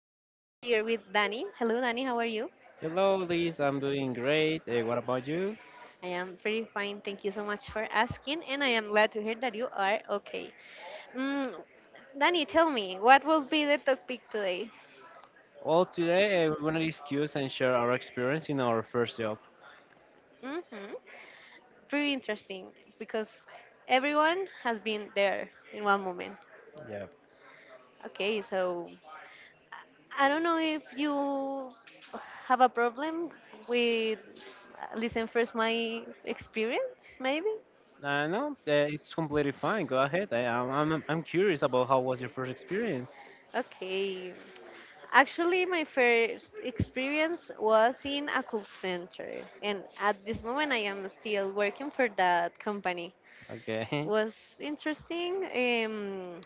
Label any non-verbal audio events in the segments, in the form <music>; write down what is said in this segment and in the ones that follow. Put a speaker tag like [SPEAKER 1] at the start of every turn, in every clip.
[SPEAKER 1] are here with Danny. Hello, Danny. How are you?
[SPEAKER 2] Hello, Liz. I'm doing great. What about you?
[SPEAKER 1] I am pretty fine. Thank you so much for asking, and I am glad to hear that you are okay. Mm, Danny, tell me, what will be the topic today?
[SPEAKER 2] Well, today we're going to discuss and share our experience in our first job.
[SPEAKER 1] Hmm. Pretty interesting because everyone has been there in one moment.
[SPEAKER 2] Yeah.
[SPEAKER 1] Okay, so I don't know if you have a problem with listen first my experience, maybe.
[SPEAKER 2] No, It's completely fine. Go ahead. I'm curious about how was your first experience.
[SPEAKER 1] Okay. Actually, my first experience was in a call center, and at this moment, I am still working for that company.
[SPEAKER 2] Okay. <laughs>
[SPEAKER 1] Was interesting.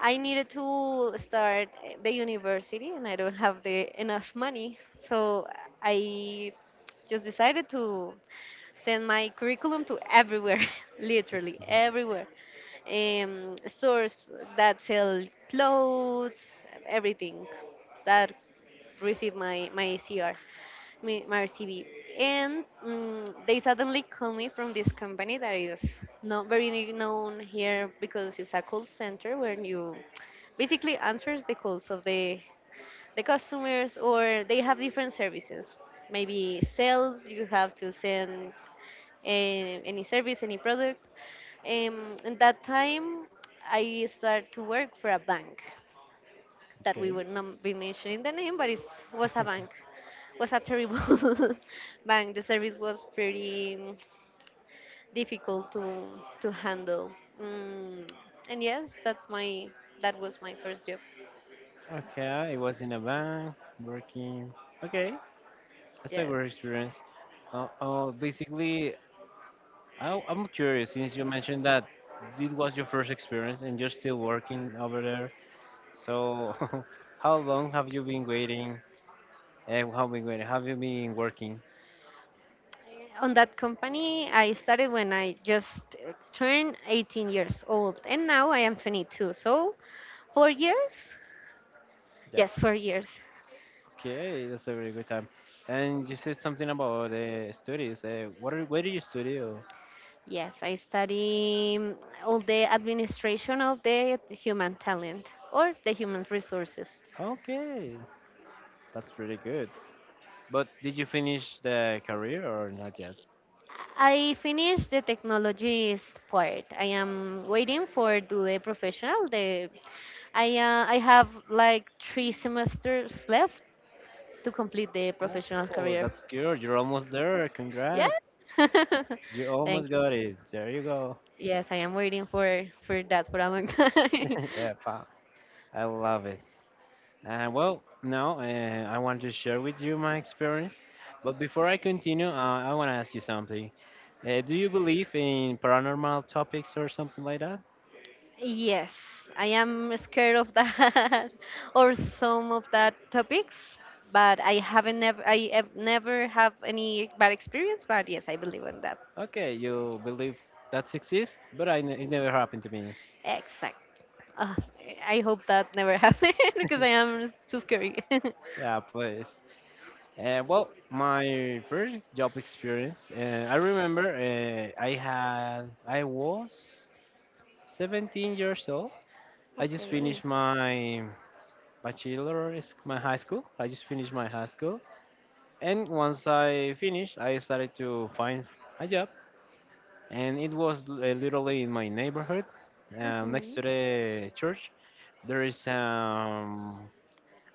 [SPEAKER 1] I needed to start the university, and I don't have the enough money, so I just decided to send my curriculum to everywhere, <laughs> literally everywhere. Stores that sell clothes, everything that receive my CR, my CV. And they suddenly call me from this company that is not very known here because it's a call center where you basically answers the calls of the customers, or they have different services, maybe sales. You have to send any service, any product. And that time, I started to work for a bank that we
[SPEAKER 2] Okay.
[SPEAKER 1] would not be mentioning the name, but it was a bank. Was a terrible <laughs> bank. The service was pretty difficult to handle. Mm, and yes, that was my first job.
[SPEAKER 2] Okay. It was in a bank working. Okay. That's a
[SPEAKER 1] Yes.
[SPEAKER 2] great experience. Basically, I'm curious since you mentioned that it was your first experience and you're still working over there. So, <laughs> how long have you been waiting? Have you been working?
[SPEAKER 1] On that company, I started when I just turned 18 years old, and now I am 22. So, 4 years.
[SPEAKER 2] Yep.
[SPEAKER 1] Yes, 4 years.
[SPEAKER 2] Okay, that's a very good time. And you said something about the studies. Where do you study? Or-
[SPEAKER 1] Yes, I study all the administration of the human talent or the human resources.
[SPEAKER 2] Okay, that's really good. But did you finish the career or not yet?
[SPEAKER 1] I finished the technologies part. I am waiting for do the professional. The I have like three semesters left to complete the professional
[SPEAKER 2] Oh,
[SPEAKER 1] career.
[SPEAKER 2] that's good. You're almost there.
[SPEAKER 1] Yeah.
[SPEAKER 2] Congrats.
[SPEAKER 1] <laughs>
[SPEAKER 2] You almost
[SPEAKER 1] Thank you.
[SPEAKER 2] got it. There you go.
[SPEAKER 1] Yes, I am waiting for that for a long time.
[SPEAKER 2] <laughs> Yeah,
[SPEAKER 1] <laughs>
[SPEAKER 2] pa. I love it. Well, no, I want to share with you my experience. But before I continue, I want to ask you something. Do you believe in paranormal topics or something like that?
[SPEAKER 1] Yes, I am scared of that <laughs> or some of that topics, but I have never have any bad experience, but yes, I believe in that.
[SPEAKER 2] Okay, you believe that exists, but it never happened to me.
[SPEAKER 1] Exact. Ah, I hope that never <laughs> happened because I am too scary. <laughs>
[SPEAKER 2] Yeah, please. My first job experience, I remember I was 17 years old. I just
[SPEAKER 1] Okay.
[SPEAKER 2] finished my bachelor's, my high school. I just finished my high school. And once I finished, I started to find a job, and it was literally in my neighborhood, next
[SPEAKER 1] Mhm.
[SPEAKER 2] to the church. There is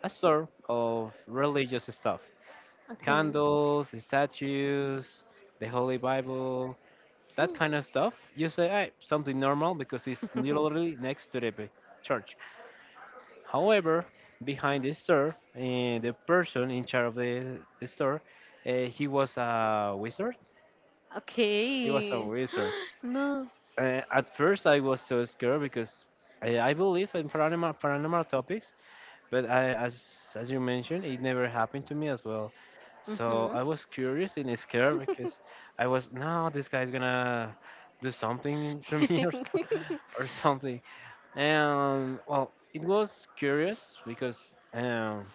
[SPEAKER 2] a store of religious stuff,
[SPEAKER 1] Okay.
[SPEAKER 2] candles, statues, the Holy Bible, that kind of stuff. You say, "Hey, something normal because it's
[SPEAKER 1] <gasps>
[SPEAKER 2] literally next to the church." However, behind the store, the person in charge of the store, he was a wizard.
[SPEAKER 1] <laughs>
[SPEAKER 2] It was a
[SPEAKER 1] Okay.
[SPEAKER 2] wizard.
[SPEAKER 1] <gasps> No.
[SPEAKER 2] At first, I was so scared because I believe in paranormal topics, but I, as you mentioned, it never happened to me as well. So
[SPEAKER 1] Mhm.
[SPEAKER 2] I was curious and scared
[SPEAKER 1] <laughs>
[SPEAKER 2] because
[SPEAKER 1] <laughs>
[SPEAKER 2] I was, no, this guy's gonna do something <laughs> to me or so, <laughs> or something. And well, it was curious because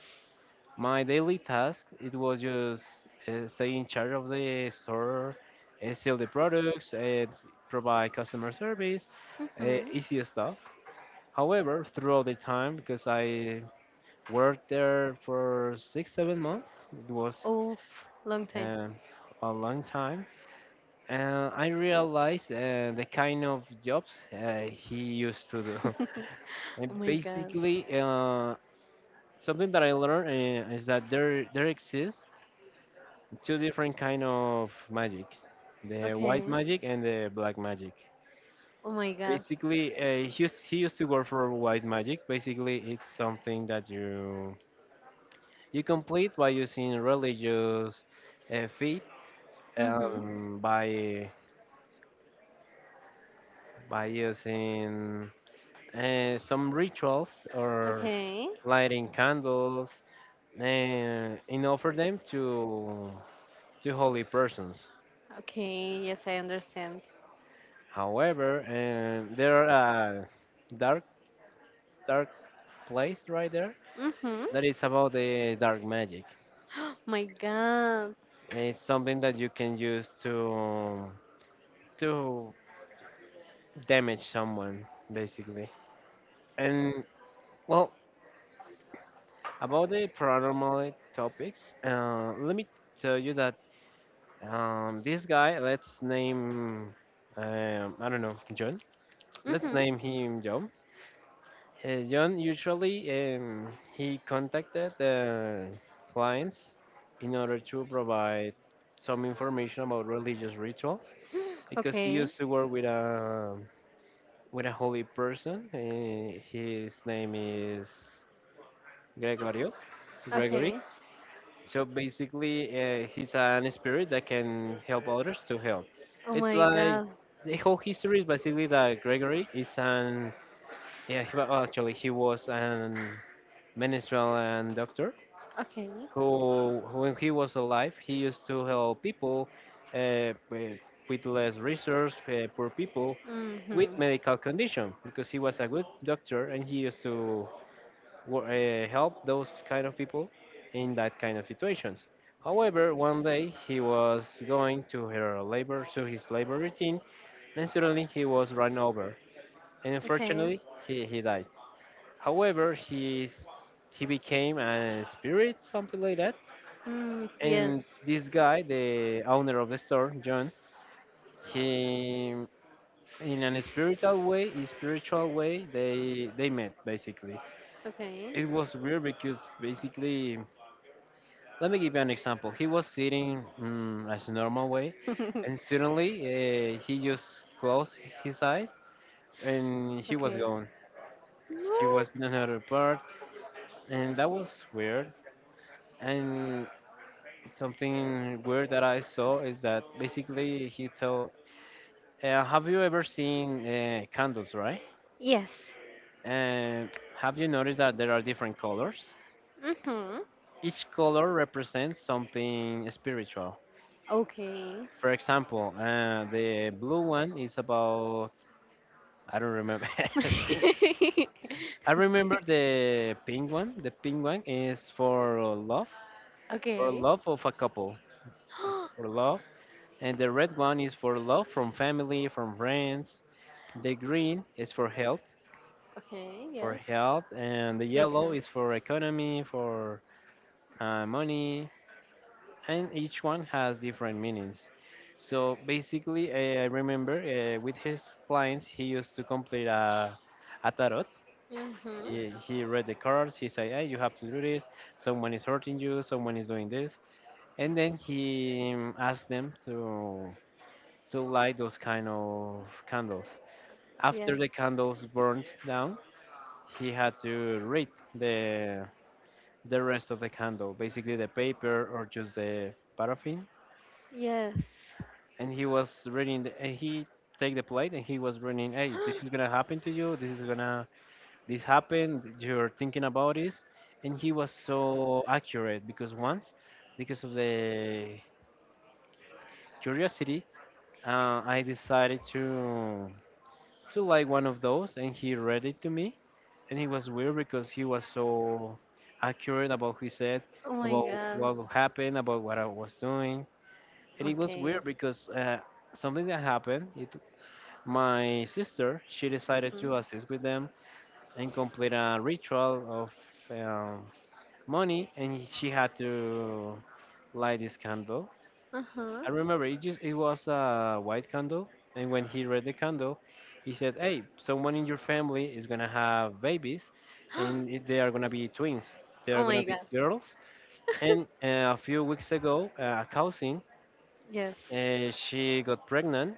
[SPEAKER 2] my daily task it was just stay in charge of the store, sell the products, provide customer service,
[SPEAKER 1] Mhm.
[SPEAKER 2] easy stuff. However, throughout the time, because I worked there for six, seven months, it was
[SPEAKER 1] Oof, long time.
[SPEAKER 2] um, a long time, and I realized the kind of jobs he used to do. <laughs>
[SPEAKER 1] <laughs>
[SPEAKER 2] And
[SPEAKER 1] Oh my god.
[SPEAKER 2] basically, something that I learned is that there exists two different kind of magic: the white
[SPEAKER 1] Okay.
[SPEAKER 2] magic and the black magic.
[SPEAKER 1] Oh my god.
[SPEAKER 2] Basically he used to work for white magic. Basically it's something that you complete by using religious faith,
[SPEAKER 1] Mm-hmm.
[SPEAKER 2] by using some rituals or
[SPEAKER 1] Okay.
[SPEAKER 2] lighting candles, and offer them to holy persons.
[SPEAKER 1] Okay. Yes, I understand.
[SPEAKER 2] However there are dark dark place right there
[SPEAKER 1] Mm-hmm.
[SPEAKER 2] that is about the dark magic.
[SPEAKER 1] <gasps> My god.
[SPEAKER 2] And it's something that you can use to to damage someone basically. And well, about the paranormal topics, let me tell you that this guy, let's name, I don't know, John. Let's
[SPEAKER 1] Mm-hmm.
[SPEAKER 2] name him John. John usually he contacted the clients in order to provide some information about religious rituals because he
[SPEAKER 1] Okay.
[SPEAKER 2] used to work with a holy person. His name is Gregorio Gregory.
[SPEAKER 1] Okay.
[SPEAKER 2] So basically, he's an spirit that can help others to help.
[SPEAKER 1] Oh
[SPEAKER 2] It's
[SPEAKER 1] my
[SPEAKER 2] like
[SPEAKER 1] god.
[SPEAKER 2] the whole history is basically that Gregory is an, yeah actually he was an Venezuelan doctor
[SPEAKER 1] Okay.
[SPEAKER 2] who, when he was alive, he used to help people uh, with, with less resource, poor people with
[SPEAKER 1] Mm-hmm.
[SPEAKER 2] medical condition because he was a good doctor and he used to help those kind of people in that kind of situations. However, one day he was going to her labor to his labor routine and suddenly he was run over, and
[SPEAKER 1] Okay.
[SPEAKER 2] unfortunately he died. However, he's he became a spirit, something like that.
[SPEAKER 1] Mm, yes.
[SPEAKER 2] And this guy, the owner of the store, John, he in an spiritual way, they met basically.
[SPEAKER 1] Okay.
[SPEAKER 2] It was weird because basically, let me give you an example. He was sitting mm, as a normal way, and
[SPEAKER 1] <laughs>
[SPEAKER 2] suddenly he just closed his eyes and he was
[SPEAKER 1] Okay.
[SPEAKER 2] gone. He
[SPEAKER 1] Woo.
[SPEAKER 2] was in another part, and that was weird. And something weird that I saw is that basically he told, "Have you ever seen candles, right?
[SPEAKER 1] Yes.
[SPEAKER 2] And have you noticed that there are different colors?
[SPEAKER 1] Mm-hmm.
[SPEAKER 2] Each color represents something spiritual.
[SPEAKER 1] Okay.
[SPEAKER 2] For example, the blue one is about I don't remember.
[SPEAKER 1] <laughs>
[SPEAKER 2] <laughs> I remember the pink one. The pink one is for
[SPEAKER 1] Okay.
[SPEAKER 2] love of a couple, for
[SPEAKER 1] <gasps>
[SPEAKER 2] love, and the red one is for love from family, from friends." The green is
[SPEAKER 1] Okay,
[SPEAKER 2] for
[SPEAKER 1] yes.
[SPEAKER 2] health, and the
[SPEAKER 1] Makes
[SPEAKER 2] yellow
[SPEAKER 1] sense.
[SPEAKER 2] is for economy, for money, and each one has different meanings. So basically, I remember with his clients, he used to complete a tarot.
[SPEAKER 1] Mm-hmm.
[SPEAKER 2] He read the cards. He said, hey, you have to do this. Someone is hurting you. Someone is doing this. And then he asked them to light those kind of candles. After
[SPEAKER 1] Yes.
[SPEAKER 2] the candles burned down, he had to read the the rest of the candle, basically the paper or just the paraffin.
[SPEAKER 1] Yes.
[SPEAKER 2] And he was reading. The, and he take the plate and he was reading.
[SPEAKER 1] <gasps>
[SPEAKER 2] Hey,
[SPEAKER 1] Oh
[SPEAKER 2] this is gonna happen to you. This is gonna this happened. You're thinking about this. And he was so accurate because once, because of the curiosity, I decided to like one of those, and he read it to me and it was weird because he was so accurate about who he said,
[SPEAKER 1] my
[SPEAKER 2] about
[SPEAKER 1] god.
[SPEAKER 2] what happened, about what I was doing, and it was
[SPEAKER 1] Okay.
[SPEAKER 2] weird because something that happened. It, my sister, she decided
[SPEAKER 1] Mhm.
[SPEAKER 2] to assist with them and complete a ritual of um, money, and she had to light this candle.
[SPEAKER 1] Uh-huh.
[SPEAKER 2] I remember it just it was a white candle, and when he read the candle, he said, "Hey, someone in your family is gonna have babies, and
[SPEAKER 1] <gasps>
[SPEAKER 2] they are gonna be twins. They are
[SPEAKER 1] Oh
[SPEAKER 2] gonna
[SPEAKER 1] my
[SPEAKER 2] be
[SPEAKER 1] god.
[SPEAKER 2] girls." And
[SPEAKER 1] <laughs>
[SPEAKER 2] a few weeks ago, a cousin,
[SPEAKER 1] Yes.
[SPEAKER 2] she got pregnant,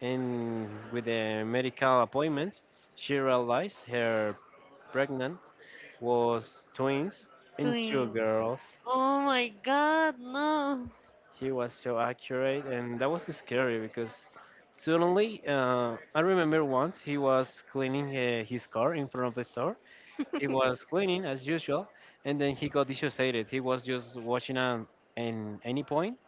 [SPEAKER 2] and with the medical appointments, she realized her pregnant was twins and two
[SPEAKER 1] Twin.
[SPEAKER 2] girls.
[SPEAKER 1] Oh my god, no.
[SPEAKER 2] He was so accurate, and that was scary because suddenly, I remember once he was cleaning his car in front of the store. He was
[SPEAKER 1] <laughs>
[SPEAKER 2] cleaning as usual, and then he got dissociated. He was just watching an any point,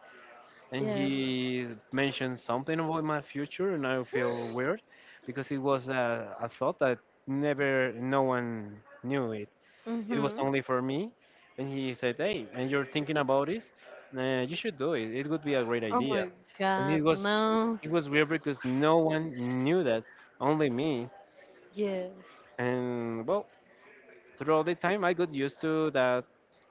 [SPEAKER 2] and
[SPEAKER 1] Yes.
[SPEAKER 2] he mentioned something about my future, and I feel weird because it was a thought that never no one knew it, it was
[SPEAKER 1] Mm-hmm.
[SPEAKER 2] only for me. And he said, "Hey, and you're thinking about this? You should do it. It would be a great
[SPEAKER 1] Oh
[SPEAKER 2] idea."
[SPEAKER 1] my
[SPEAKER 2] And
[SPEAKER 1] god, no.
[SPEAKER 2] it was weird because no one knew that, only me.
[SPEAKER 1] Yes.
[SPEAKER 2] And well, throughout the time, I got used to that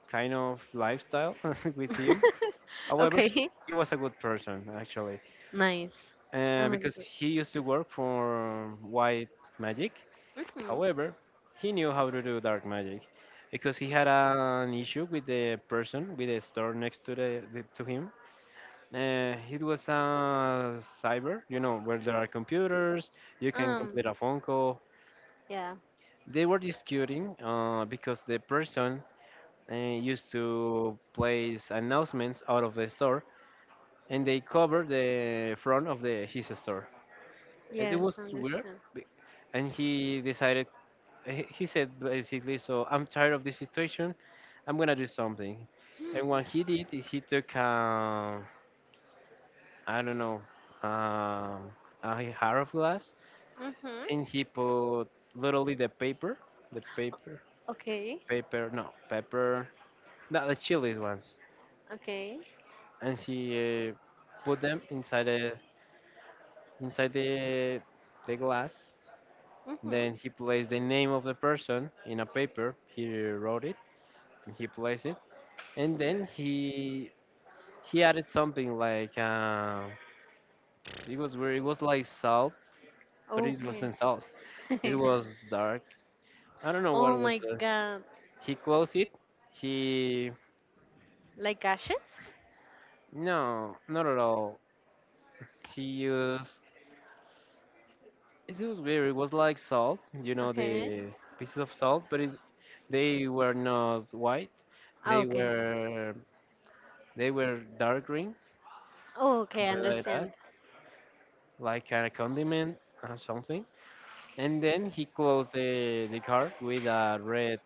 [SPEAKER 2] kind of lifestyle <laughs> with him.
[SPEAKER 1] <laughs>
[SPEAKER 2] However,
[SPEAKER 1] Okay.
[SPEAKER 2] he was a good person actually,
[SPEAKER 1] Nice. I'm
[SPEAKER 2] because
[SPEAKER 1] agree.
[SPEAKER 2] he used to work for White Magic.
[SPEAKER 1] Mhm.
[SPEAKER 2] However, he knew how to do dark magic because he had an issue with the person with the store next to the to him. It was a cyber, you know, where there are computers, you can
[SPEAKER 1] Um.
[SPEAKER 2] complete a phone call.
[SPEAKER 1] Yeah.
[SPEAKER 2] They were disputing because the person used to place announcements out of the store and they covered the front of the his store. It
[SPEAKER 1] Yes.
[SPEAKER 2] was weird,
[SPEAKER 1] Understand.
[SPEAKER 2] be- and he decided he said basically, so I'm tired of this situation. I'm gonna do something. And when he did, he took I don't know um, a jar of glass,
[SPEAKER 1] Mhm.
[SPEAKER 2] and he put literally the paper, the paper,
[SPEAKER 1] Okay.
[SPEAKER 2] paper, no pepper, not the chilies ones,
[SPEAKER 1] Okay.
[SPEAKER 2] and he put them inside the inside the the glass.
[SPEAKER 1] Mhm.
[SPEAKER 2] Then he placed the name of the person in a paper. He wrote it and he placed it, and then he added something like it was weird. It was like salt, but it
[SPEAKER 1] Okay.
[SPEAKER 2] wasn't salt. It
[SPEAKER 1] <laughs>
[SPEAKER 2] was dark. I don't know what
[SPEAKER 1] Oh
[SPEAKER 2] it was.
[SPEAKER 1] my God.
[SPEAKER 2] He closed it. He
[SPEAKER 1] Like ashes?
[SPEAKER 2] no, not at all. He used. It was weird. It was like salt. You know
[SPEAKER 1] Okay.
[SPEAKER 2] the pieces of salt, but it, they were not white.
[SPEAKER 1] Ah,
[SPEAKER 2] They
[SPEAKER 1] okay.
[SPEAKER 2] were dark green,
[SPEAKER 1] Oh, okay.
[SPEAKER 2] something like that,
[SPEAKER 1] Understand.
[SPEAKER 2] like kind of condiment or something, and then he closed the car with a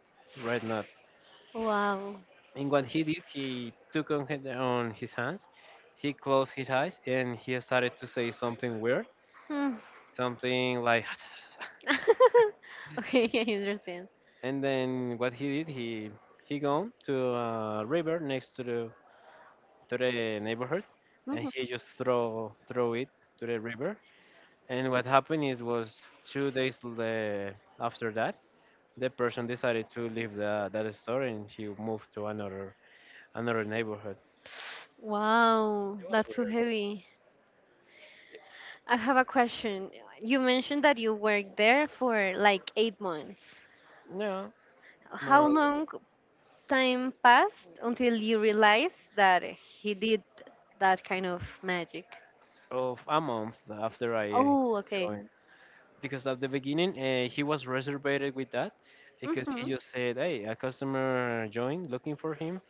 [SPEAKER 2] red knot.
[SPEAKER 1] Wow.
[SPEAKER 2] And what he did, he took on on his hands, he closed his eyes, and he started to say something weird,
[SPEAKER 1] Hmm.
[SPEAKER 2] something like. <laughs>
[SPEAKER 1] <laughs> Okay. <laughs> I understand.
[SPEAKER 2] And then what he did, he gone to a river next to the neighborhood, and
[SPEAKER 1] Mhm.
[SPEAKER 2] he just throw it to the river. And what happened is was 2 days after that, the person decided to leave that store and he moved to another neighborhood.
[SPEAKER 1] Wow.
[SPEAKER 2] It was
[SPEAKER 1] That's so
[SPEAKER 2] weird.
[SPEAKER 1] heavy. I have a question. You mentioned that you worked there for like 8 months.
[SPEAKER 2] Yeah, more
[SPEAKER 1] How
[SPEAKER 2] or less.
[SPEAKER 1] long time passed until you realize that he did that kind of magic?
[SPEAKER 2] Of a month after I
[SPEAKER 1] Oh, okay.
[SPEAKER 2] joined, because at the beginning he was reserved with that, because he
[SPEAKER 1] Mhm.
[SPEAKER 2] just said, "Hey, a customer joined looking for him."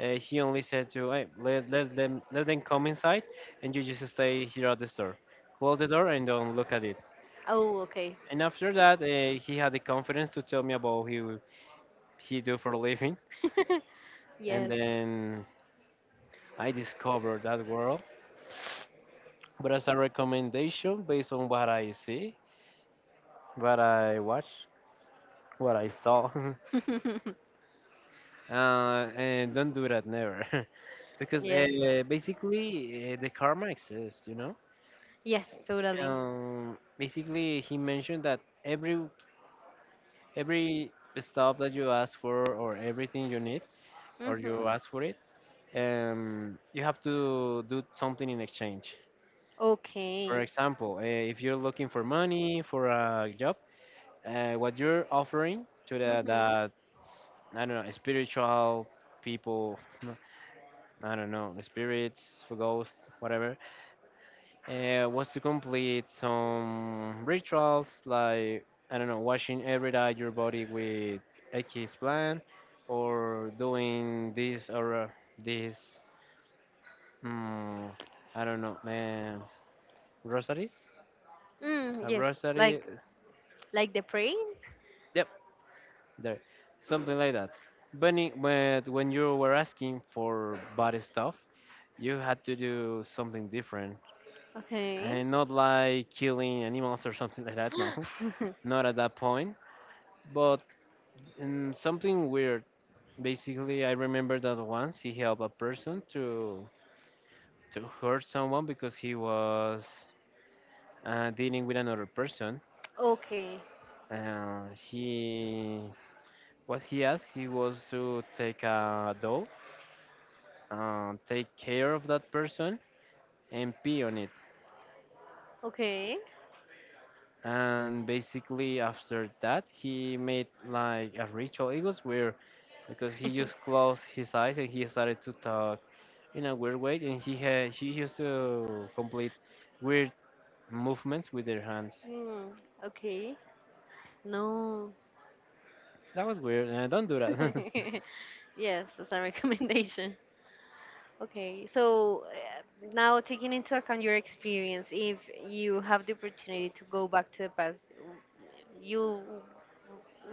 [SPEAKER 2] He only said to, "Hey, let them come inside, and you just stay here at the store, close the door and don't look at it."
[SPEAKER 1] Oh, okay.
[SPEAKER 2] And after that, he had the confidence to tell me about he do for a living,
[SPEAKER 1] <laughs>
[SPEAKER 2] and
[SPEAKER 1] Yes.
[SPEAKER 2] then I discovered that world. But as a recommendation based on what I see, what I watch, what I saw, <laughs>
[SPEAKER 1] <laughs>
[SPEAKER 2] and don't do that never. <laughs> Because
[SPEAKER 1] Yes.
[SPEAKER 2] basically the karma exists, you know.
[SPEAKER 1] Yes, totally.
[SPEAKER 2] Basically, he mentioned that every stuff that you ask for, or everything you need or
[SPEAKER 1] Mhm.
[SPEAKER 2] you ask for it, you have to do something in exchange.
[SPEAKER 1] Okay.
[SPEAKER 2] For example, if you're looking for money for a job, what you're offering to the,
[SPEAKER 1] Mhm.
[SPEAKER 2] the I don't know, spiritual people, <laughs> I don't know, spirits for ghosts, whatever, was to complete some rituals, like I don't know, washing every day your body with X plant or doing this, or this, mm, I don't know man, rosaries,
[SPEAKER 1] Mm,
[SPEAKER 2] a
[SPEAKER 1] yes, like
[SPEAKER 2] rosary,
[SPEAKER 1] like the prey.
[SPEAKER 2] yep, there, something like that. But, but when you were asking for bad stuff, you had to do something different.
[SPEAKER 1] Okay.
[SPEAKER 2] And not like killing animals or <laughs> something like that, no.
[SPEAKER 1] <gasps>
[SPEAKER 2] <laughs>
[SPEAKER 1] <laughs>
[SPEAKER 2] Not at that point, but, something weird. Basically, I remember that once he helped a person to hurt someone because he was dealing with another person.
[SPEAKER 1] Okay.
[SPEAKER 2] He, what he asked he was to take a doll, take care of that person, and pee on it.
[SPEAKER 1] Okay.
[SPEAKER 2] And basically, after that, he made like a ritual. It was weird because he just closed
[SPEAKER 1] <laughs>
[SPEAKER 2] his eyes and he started to talk in a weird way. And he had he used to complete weird movements with their hands.
[SPEAKER 1] Mm, okay. No.
[SPEAKER 2] That was weird. Don't do that.
[SPEAKER 1] <laughs>
[SPEAKER 2] <laughs>
[SPEAKER 1] Yes, that's a recommendation. Okay, so now taking into account your experience, if you have the opportunity to go back to the past, you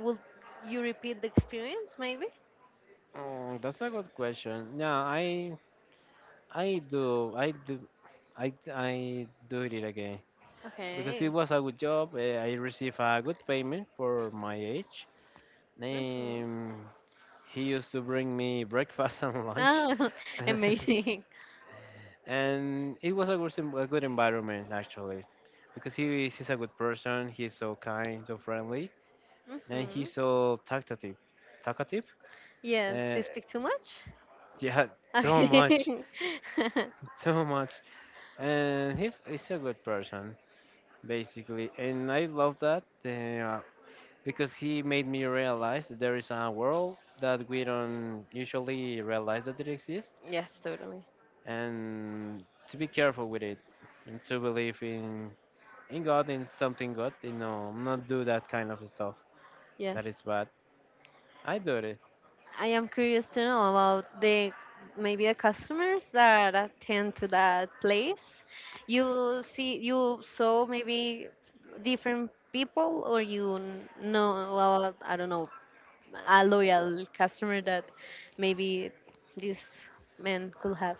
[SPEAKER 1] will you repeat the experience maybe?
[SPEAKER 2] That's a good question. Yeah, I do I do I do it again, because it
[SPEAKER 1] Okay.
[SPEAKER 2] was a good job. I received a good payment for my age.
[SPEAKER 1] Hmm.
[SPEAKER 2] Um, he used to bring me breakfast <laughs> and lunch,
[SPEAKER 1] Oh, <laughs> amazing.
[SPEAKER 2] <laughs> and it was a good, a good environment actually, because he's a good person. He's so kind, so friendly, and
[SPEAKER 1] Hmm.
[SPEAKER 2] he's so talkative. Talkative?
[SPEAKER 1] Yes,
[SPEAKER 2] Uh,
[SPEAKER 1] you speak too much?
[SPEAKER 2] yeah, too much,
[SPEAKER 1] Okay. <laughs>
[SPEAKER 2] <laughs> too much. And he's a good person basically, and I love that. Because he made me realize that there is a world that we don't usually realize that it exists,
[SPEAKER 1] Yes, totally.
[SPEAKER 2] and to be careful with it, and to believe in God, in something good, you know, not do that kind of stuff
[SPEAKER 1] Yes.
[SPEAKER 2] that is bad. I do it.
[SPEAKER 1] I am curious to know about the maybe the customers that attend to that place. You see, you saw maybe different people, or you know about, I don't know, a loyal customer that maybe this man could have.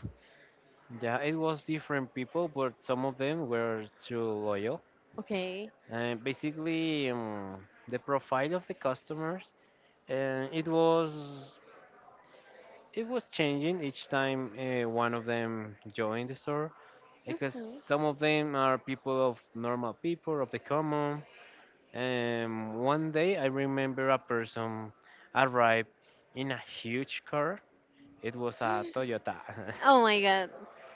[SPEAKER 2] Yeah, it was different people, but some of them were too loyal.
[SPEAKER 1] Okay.
[SPEAKER 2] And basically, the profile of the customers, and it was, it was changing each time one of them joined the store, because
[SPEAKER 1] Mhm.
[SPEAKER 2] some of them are people, of normal people of the common. And one day I remember a person arrived in a huge car. It was a Toyota.
[SPEAKER 1] Oh my god.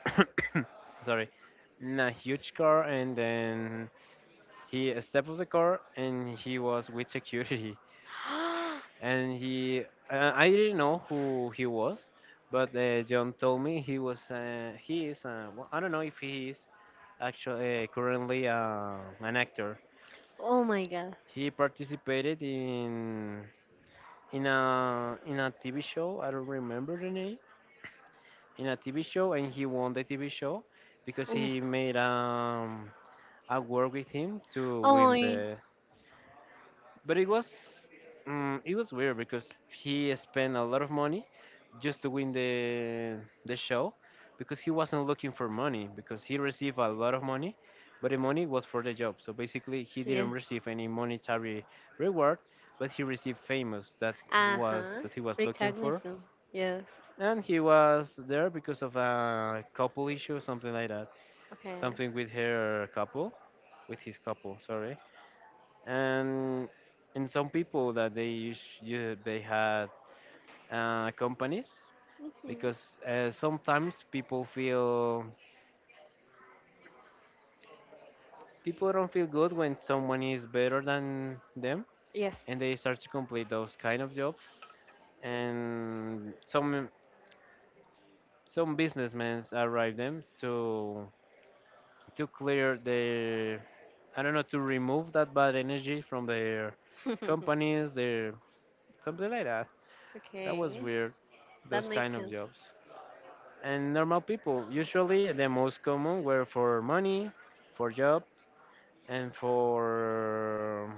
[SPEAKER 2] <coughs> Sorry, in a huge car, and then he stepped off the car, and he was with security.
[SPEAKER 1] <gasps>
[SPEAKER 2] And he, I didn't know who he was, but John told me he was. He is. Well, I don't know if he is actually currently an actor.
[SPEAKER 1] Oh my god.
[SPEAKER 2] He participated in in a TV show. I don't remember the name. In a TV show, and he won the TV show because he
[SPEAKER 1] Oof.
[SPEAKER 2] made, a work with him to
[SPEAKER 1] Oh
[SPEAKER 2] win
[SPEAKER 1] my.
[SPEAKER 2] the, but it was, it was weird because he spent a lot of money just to win the show, because he wasn't looking for money, because he received a lot of money, but the money was for the job, so basically he didn't
[SPEAKER 1] Yes.
[SPEAKER 2] receive any monetary reward, but he received famous, that
[SPEAKER 1] Uh
[SPEAKER 2] was
[SPEAKER 1] huh.
[SPEAKER 2] that he was looking for.
[SPEAKER 1] Recognition. Yes.
[SPEAKER 2] And he was there because of a couple issue, something like that,
[SPEAKER 1] Okay.
[SPEAKER 2] something with her couple, with his couple sorry, and in some people that they use you, they had companies,
[SPEAKER 1] Mhm.
[SPEAKER 2] because sometimes people feel, people don't feel good when someone is better than them,
[SPEAKER 1] Yes.
[SPEAKER 2] and they start to complete those kind of jobs. And some businessmen arrive them to clear their, I don't know, to remove that bad energy from their
[SPEAKER 1] <laughs>
[SPEAKER 2] companies, their, something like that, that was
[SPEAKER 1] Okay,
[SPEAKER 2] weird,
[SPEAKER 1] that
[SPEAKER 2] those kind
[SPEAKER 1] makes
[SPEAKER 2] of
[SPEAKER 1] sense.
[SPEAKER 2] jobs. And normal people. Usually, the most common were for money, for job, and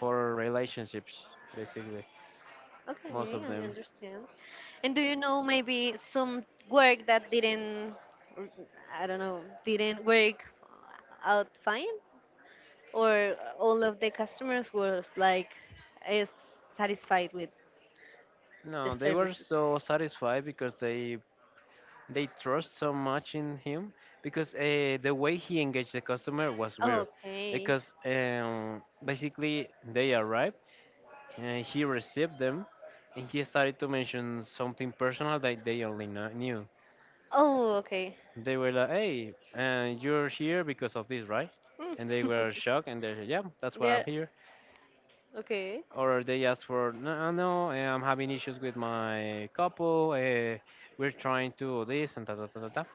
[SPEAKER 2] for relationships. Basically, most
[SPEAKER 1] Okay,
[SPEAKER 2] of
[SPEAKER 1] I
[SPEAKER 2] them.
[SPEAKER 1] understand. And do you know maybe some work that didn't, r- I don't know, didn't work out fine, or all of the customers was like is satisfied with the
[SPEAKER 2] No, they were
[SPEAKER 1] services?
[SPEAKER 2] so satisfied because they trust so much in him, because the way he engaged the customer was weird.
[SPEAKER 1] Okay.
[SPEAKER 2] Because basically they arrived, and he received them, and he started to mention something personal that they only knew.
[SPEAKER 1] Oh, okay.
[SPEAKER 2] They were like, "Hey, and you're here because of this, right?"
[SPEAKER 1] Mm.
[SPEAKER 2] And they were
[SPEAKER 1] <laughs>
[SPEAKER 2] shocked, and they're, "Yeah, that's what I'm
[SPEAKER 1] There.
[SPEAKER 2] here."
[SPEAKER 1] Okay.
[SPEAKER 2] Or they asked for, "No, no, eh, I'm having issues with my couple. We're trying to this and ta ta ta ta ta."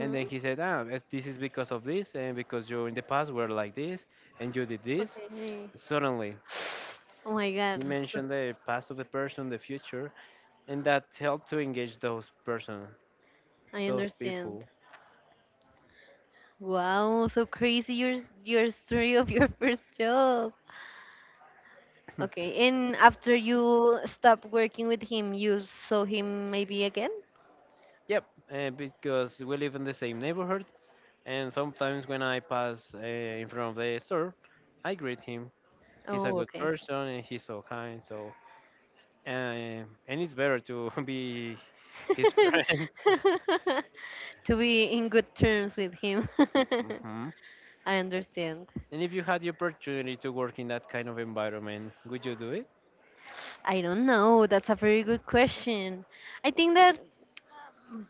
[SPEAKER 2] And then he said, "Ah, this is because of this, and because you in the past were like this, and you did this."
[SPEAKER 1] Okay.
[SPEAKER 2] Suddenly,
[SPEAKER 1] Oh my
[SPEAKER 2] he
[SPEAKER 1] God.
[SPEAKER 2] mentioned the past of the person, the future, and that helped to engage those person,
[SPEAKER 1] I
[SPEAKER 2] those
[SPEAKER 1] understand.
[SPEAKER 2] people.
[SPEAKER 1] Wow, so crazy your story of your <laughs> first job.
[SPEAKER 2] <clears throat>
[SPEAKER 1] Okay, and after you stopped working with him, you saw him maybe again?
[SPEAKER 2] Yep, because we live in the same neighborhood. And sometimes when I pass in front of the store, I greet him. He's a
[SPEAKER 1] Oh,
[SPEAKER 2] good
[SPEAKER 1] okay.
[SPEAKER 2] person and he's so kind. So and it's better to <laughs> be his friend.
[SPEAKER 1] <laughs> To be in good terms with him. <laughs>
[SPEAKER 2] Hmm.
[SPEAKER 1] I understand.
[SPEAKER 2] And if you had the opportunity to work in that kind of environment, would you do it?
[SPEAKER 1] I don't know. That's a very good question. I think that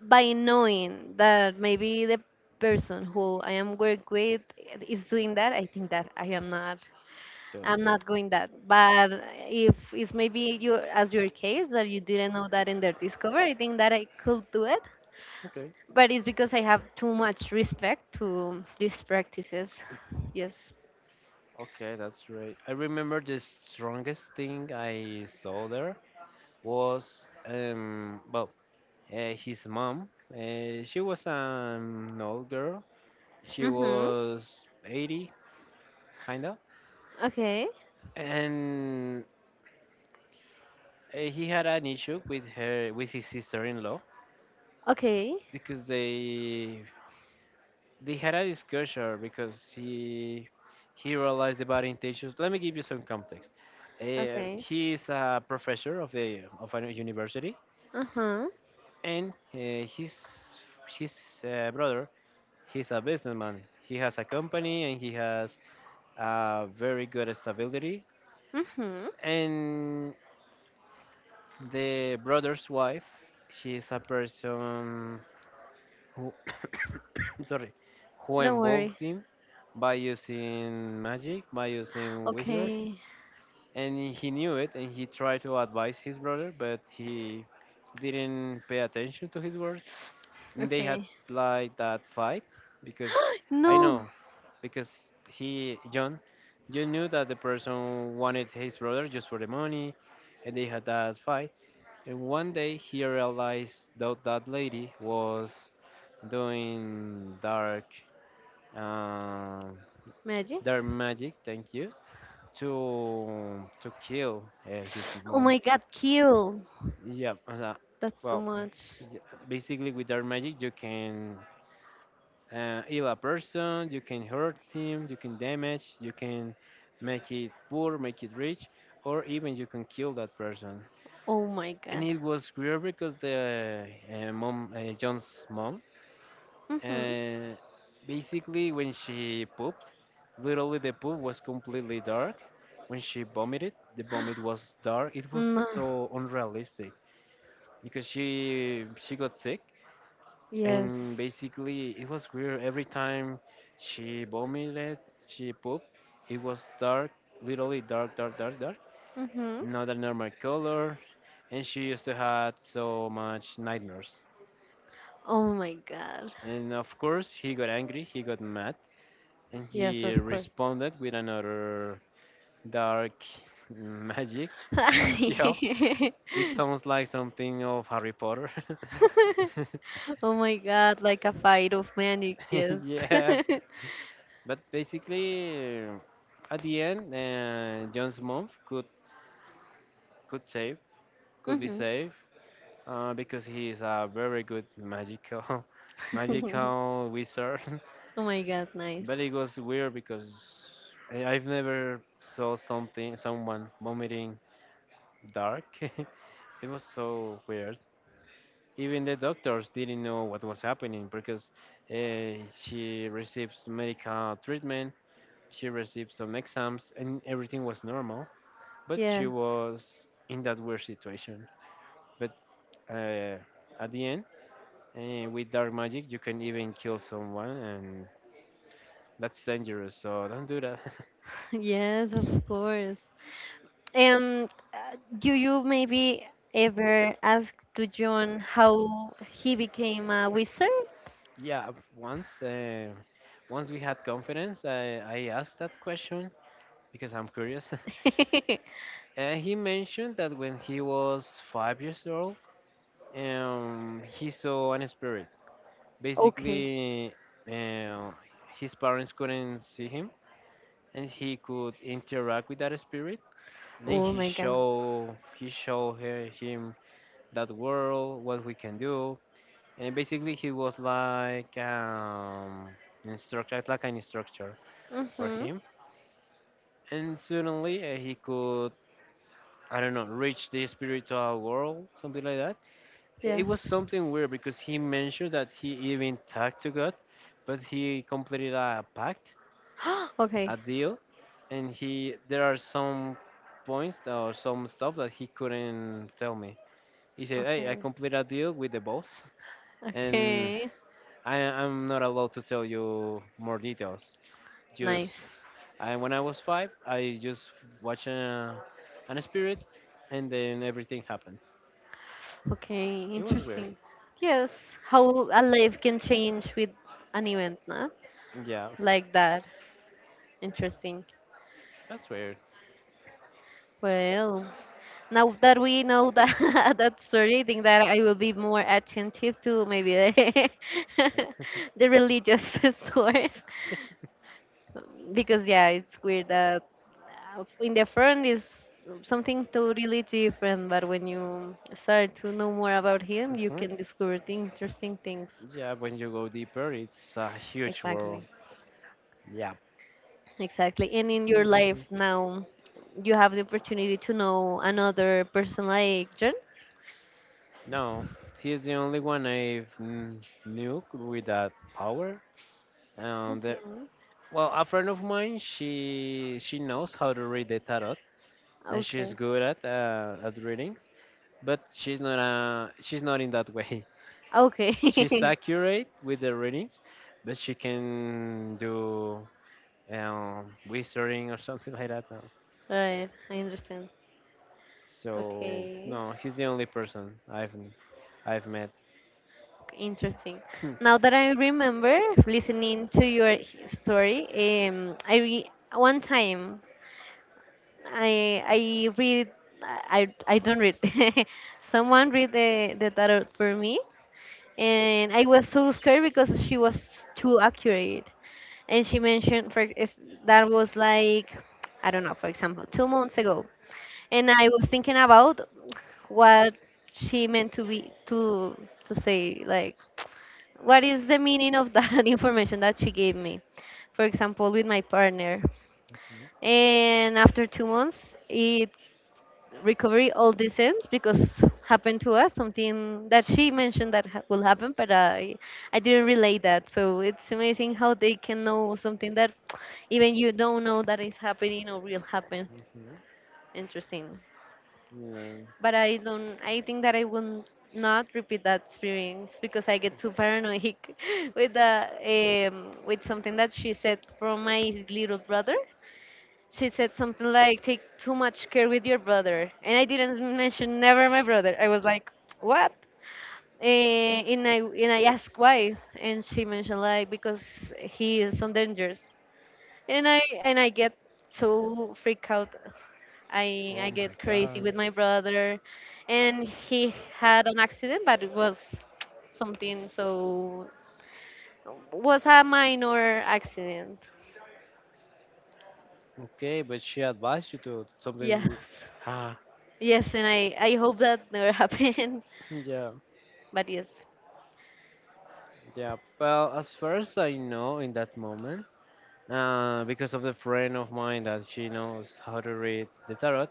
[SPEAKER 1] by knowing that maybe the person who I am work with is doing that, I think that
[SPEAKER 2] Okay.
[SPEAKER 1] I'm not going that. But if it's maybe your as your case that you didn't know that in their discover, I think that I could do it.
[SPEAKER 2] Okay.
[SPEAKER 1] But it's because I have too much respect to these practices. Yes.
[SPEAKER 2] Okay, that's right. I remember the strongest thing I saw there was well, his mom. She was an old girl. She
[SPEAKER 1] Mhm.
[SPEAKER 2] was 80, kinda,
[SPEAKER 1] Okay.
[SPEAKER 2] and he had an issue with her, with his sister-in-law,
[SPEAKER 1] Okay.
[SPEAKER 2] because they had a discussion because he realized the bad intentions. Let me give you some context. Um,
[SPEAKER 1] Okay.
[SPEAKER 2] he is a professor of a university,
[SPEAKER 1] Uh huh.
[SPEAKER 2] and his brother, he's a businessman. He has a company and he has a very good stability.
[SPEAKER 1] Mhm.
[SPEAKER 2] And the brother's wife, she is a person who, <coughs> sorry, who
[SPEAKER 1] Don't
[SPEAKER 2] involved
[SPEAKER 1] worry.
[SPEAKER 2] him by using magic, by using wizard,
[SPEAKER 1] Okay.
[SPEAKER 2] and he knew it, and he tried to advise his brother, but he didn't pay attention to his words, and they had
[SPEAKER 1] Okay.
[SPEAKER 2] like that fight because, I
[SPEAKER 1] No,
[SPEAKER 2] know, because he, John, you knew that the person wanted his brother just for the money, and they had that fight. And one day he realized that that lady was doing dark, uh,
[SPEAKER 1] Maggie.
[SPEAKER 2] dark magic. Thank you. To kill his
[SPEAKER 1] Oh
[SPEAKER 2] mom.
[SPEAKER 1] my god, kill.
[SPEAKER 2] Yeah, as a-
[SPEAKER 1] That's too
[SPEAKER 2] well,
[SPEAKER 1] much.
[SPEAKER 2] y- basically with dark magic you can heal a person, you can hurt him, you can damage, you can make it poor, make it rich, or even you can kill that person.
[SPEAKER 1] Oh my
[SPEAKER 2] And
[SPEAKER 1] god.
[SPEAKER 2] it was weird because the mom, John's mom,
[SPEAKER 1] Mm-hmm.
[SPEAKER 2] and basically when she pooped, literally the poop was completely dark. When she vomited, the vomit was dark. It was
[SPEAKER 1] No.
[SPEAKER 2] so unrealistic, because she got sick. And
[SPEAKER 1] Yes.
[SPEAKER 2] basically it was weird, every time she vomited, she pooped, it was dark, literally dark, dark, dark, dark,
[SPEAKER 1] Mm-hmm.
[SPEAKER 2] not a normal color. And she used to had so much nightmares,
[SPEAKER 1] Oh my god.
[SPEAKER 2] and of course he got angry, he got mad. And
[SPEAKER 1] Yes,
[SPEAKER 2] he
[SPEAKER 1] of course.
[SPEAKER 2] responded with another dark <laughs> magic.
[SPEAKER 1] <laughs> <laughs>
[SPEAKER 2] Yep. It sounds like something of Harry Potter. <laughs>
[SPEAKER 1] Oh my god, like a fight of manic, yes.
[SPEAKER 2] <laughs> Yeah.
[SPEAKER 1] <laughs>
[SPEAKER 2] But basically, at the end, John's mom could save, could be
[SPEAKER 1] Mhm.
[SPEAKER 2] saved, because he is a very good magical, <laughs>
[SPEAKER 1] <laughs> Oh
[SPEAKER 2] magical wizard. <laughs>
[SPEAKER 1] my god, nice.
[SPEAKER 2] But it was weird because I, I've never saw something, someone vomiting dark. <laughs> It was so weird. Even the doctors didn't know what was happening, because uh, she received medical treatment, she received some exams, and everything was normal. But she
[SPEAKER 1] Yes.
[SPEAKER 2] was in that weird situation. But uh, at the end, with dark magic, you can even kill someone, and that's dangerous. So don't do that.
[SPEAKER 1] <laughs> Yes, of course. And do you maybe ever ask to John how he became a wizard?
[SPEAKER 2] <laughs> Yeah, once once we had confidence, I asked that question because I'm curious. <laughs>
[SPEAKER 1] <laughs>
[SPEAKER 2] He mentioned that when he was 5 years old, he saw an spirit.
[SPEAKER 1] Okay.
[SPEAKER 2] Basically, uh, his parents couldn't see him, and he could interact with that spirit. Then
[SPEAKER 1] Oh my god.
[SPEAKER 2] he show her, him, that world, what we can do. And basically he was like instructor, like an instructor for
[SPEAKER 1] Mm-hmm.
[SPEAKER 2] him. And suddenly he could, I don't know, reach the spiritual world, something like that. It was
[SPEAKER 1] Yes.
[SPEAKER 2] something weird because he mentioned that he even talked to God, but he completed a pact,
[SPEAKER 1] <gasps> Okay.
[SPEAKER 2] a deal, and he, there are some points or some stuff that he couldn't tell me. He said, "Hey, I
[SPEAKER 1] Okay.
[SPEAKER 2] completed a deal with the boss, <laughs> and
[SPEAKER 1] Okay.
[SPEAKER 2] I, I'm not allowed to tell you more details. Just
[SPEAKER 1] Nice.
[SPEAKER 2] I, when I was five, I just watched a, an spirit, and then everything happened.
[SPEAKER 1] Okay.
[SPEAKER 2] It was weird.
[SPEAKER 1] Interesting. Yes, how a life can change with an event, no?
[SPEAKER 2] Yeah,
[SPEAKER 1] Like that. Interesting.
[SPEAKER 2] that's weird."
[SPEAKER 1] Well. Now that we know that <laughs> that story, I think that I will be more attentive to maybe the <laughs> the religious <laughs> source, because yeah, it's weird that in the front is something totally different, but when you start to know more about him, you can
[SPEAKER 2] <laughs>
[SPEAKER 1] discover the interesting things.
[SPEAKER 2] Yeah, when you go deeper, it's a huge world.
[SPEAKER 1] Exactly.
[SPEAKER 2] Yeah.
[SPEAKER 1] Exactly. And in
[SPEAKER 2] It's
[SPEAKER 1] your life
[SPEAKER 2] impossible.
[SPEAKER 1] now, you have the opportunity to know another person like John.
[SPEAKER 2] No, he is the only one I've knew with that power. There,
[SPEAKER 1] Mhm.
[SPEAKER 2] well, a friend of mine, she knows how to read the tarot, and she's
[SPEAKER 1] Okay.
[SPEAKER 2] good at reading. But she's not in that <laughs> way.
[SPEAKER 1] Okay. <laughs>
[SPEAKER 2] She's accurate with the readings, but she can do wizarding or <laughs> something like that. No.
[SPEAKER 1] Right, I understand.
[SPEAKER 2] So
[SPEAKER 1] Okay.
[SPEAKER 2] no, he's the only person I've met.
[SPEAKER 1] Okay, interesting.
[SPEAKER 2] <clears throat>
[SPEAKER 1] Now that I remember listening to your story, I re one time I read. I don't read. <laughs> Someone read the tarot for me, and I was so scared because she was too accurate, and she mentioned, that was like, I don't know, for example, 2 months ago, and I was thinking about what she meant to be to say, like, what is the meaning of that <laughs> information that she gave me, for example, with my partner. And after 2 months, it recovery all the sense, because happened to us something that she mentioned that will happen, but I didn't relate that. So it's amazing how they can know something that even you don't know that is happening or will happen.
[SPEAKER 2] Mhm.
[SPEAKER 1] Interesting.
[SPEAKER 2] No.
[SPEAKER 1] But I don't. I think that I will not repeat that experience because I get too paranoid <laughs> with the with something that she said from my little brother. She said something like, "Take too much care with your brother," and I didn't mention never my brother. I was like, "What?" And I asked why, and she mentioned, like, because he is so dangerous, and I get so freaked out. I
[SPEAKER 2] Oh
[SPEAKER 1] I
[SPEAKER 2] my
[SPEAKER 1] get crazy
[SPEAKER 2] God.
[SPEAKER 1] with my brother, and he had an accident, but it was something so was a minor accident.
[SPEAKER 2] Okay, but she advised you to something.
[SPEAKER 1] Yes,
[SPEAKER 2] Ah,
[SPEAKER 1] yes, and I hope that never <laughs> happened.
[SPEAKER 2] <clears throat> yeah,
[SPEAKER 1] But yes.
[SPEAKER 2] yeah. Well, as first I know in that moment, because of the friend of mine that she knows how to read the tarot,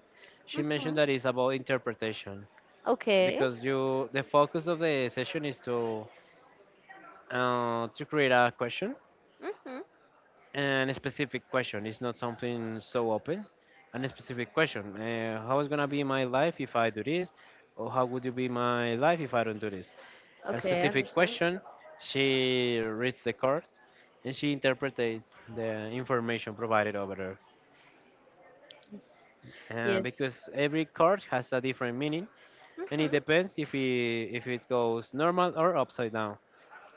[SPEAKER 2] she mentioned
[SPEAKER 1] Mhm.
[SPEAKER 2] that it's about interpretation,
[SPEAKER 1] Okay.
[SPEAKER 2] because you, the focus of the session is to create a question,
[SPEAKER 1] Mhm.
[SPEAKER 2] and a specific question. It's not something so open. And a specific question: How is gonna be my life if I do this, or how would you be my life if I don't do this? A
[SPEAKER 1] Okay, I
[SPEAKER 2] specific
[SPEAKER 1] understand.
[SPEAKER 2] question. She reads the card, and she interprets the information provided over there.
[SPEAKER 1] Yes.
[SPEAKER 2] Because every card has a different meaning, and it
[SPEAKER 1] Mhm.
[SPEAKER 2] depends if it goes normal or upside down.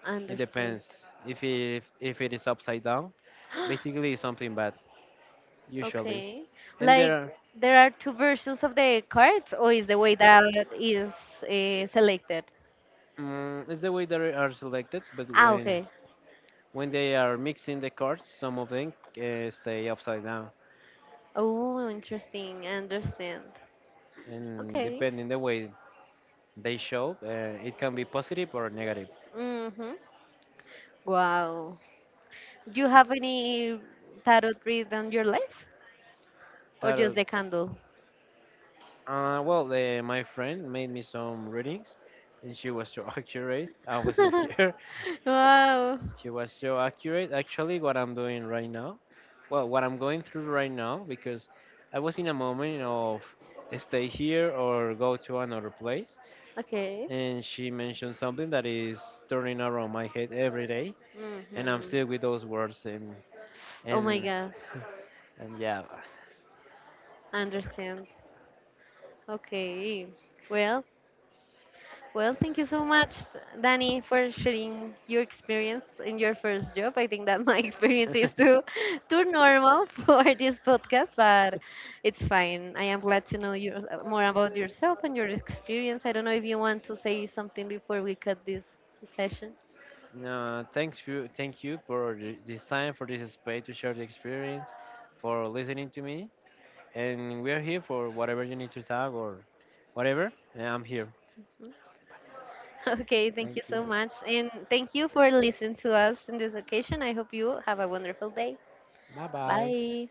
[SPEAKER 1] I
[SPEAKER 2] It
[SPEAKER 1] understand.
[SPEAKER 2] depends if it if it is upside down.
[SPEAKER 1] <gasps>
[SPEAKER 2] Basically, it's something bad usually.
[SPEAKER 1] Okay.
[SPEAKER 2] And there
[SPEAKER 1] Like
[SPEAKER 2] are,
[SPEAKER 1] there are two versions of the cards, or is the way that is selected?
[SPEAKER 2] It's the way they are selected, but
[SPEAKER 1] Ah, okay.
[SPEAKER 2] when they are mixing the cards, some of them stay upside down,
[SPEAKER 1] Oh, interesting. I understand.
[SPEAKER 2] and
[SPEAKER 1] Okay.
[SPEAKER 2] depending the way they show, it can be positive or negative.
[SPEAKER 1] Mm-hmm. Wow. Do you have any tarot read on your life? Or just
[SPEAKER 2] Tarot.
[SPEAKER 1] the candle?
[SPEAKER 2] Well, my friend made me some readings, and she was so <laughs> accurate. I was
[SPEAKER 1] <laughs>
[SPEAKER 2] scared. <laughs>
[SPEAKER 1] Wow.
[SPEAKER 2] She was so accurate. Actually, what I'm doing right now, well, what I'm going through right now, because I was in a moment of stay here or go to another place,
[SPEAKER 1] Okay.
[SPEAKER 2] and she mentioned something that is turning around my head every day, and I'm
[SPEAKER 1] Mm-hmm.
[SPEAKER 2] still with those words,
[SPEAKER 1] Oh my
[SPEAKER 2] and
[SPEAKER 1] God.
[SPEAKER 2] and yeah.
[SPEAKER 1] I understand. Okay. Well, thank you so much, Danny, for sharing your experience in your first job. I think that my <laughs> experience is
[SPEAKER 2] <laughs>
[SPEAKER 1] too normal <laughs> for this podcast, but it's fine. I am glad to know your, more about yourself and your experience. I don't know if you want to say something before we cut this session.
[SPEAKER 2] No, thanks you, thank you for this time, for this space to share the experience, for listening to me, and we are here for whatever you need to talk or whatever, and I'm here.
[SPEAKER 1] Mm? <laughs> Okay, thank
[SPEAKER 2] Thank
[SPEAKER 1] you
[SPEAKER 2] you.
[SPEAKER 1] so much, and thank you for listening to us in this occasion. I hope you have a wonderful day.
[SPEAKER 2] Bye bye.
[SPEAKER 1] Bye.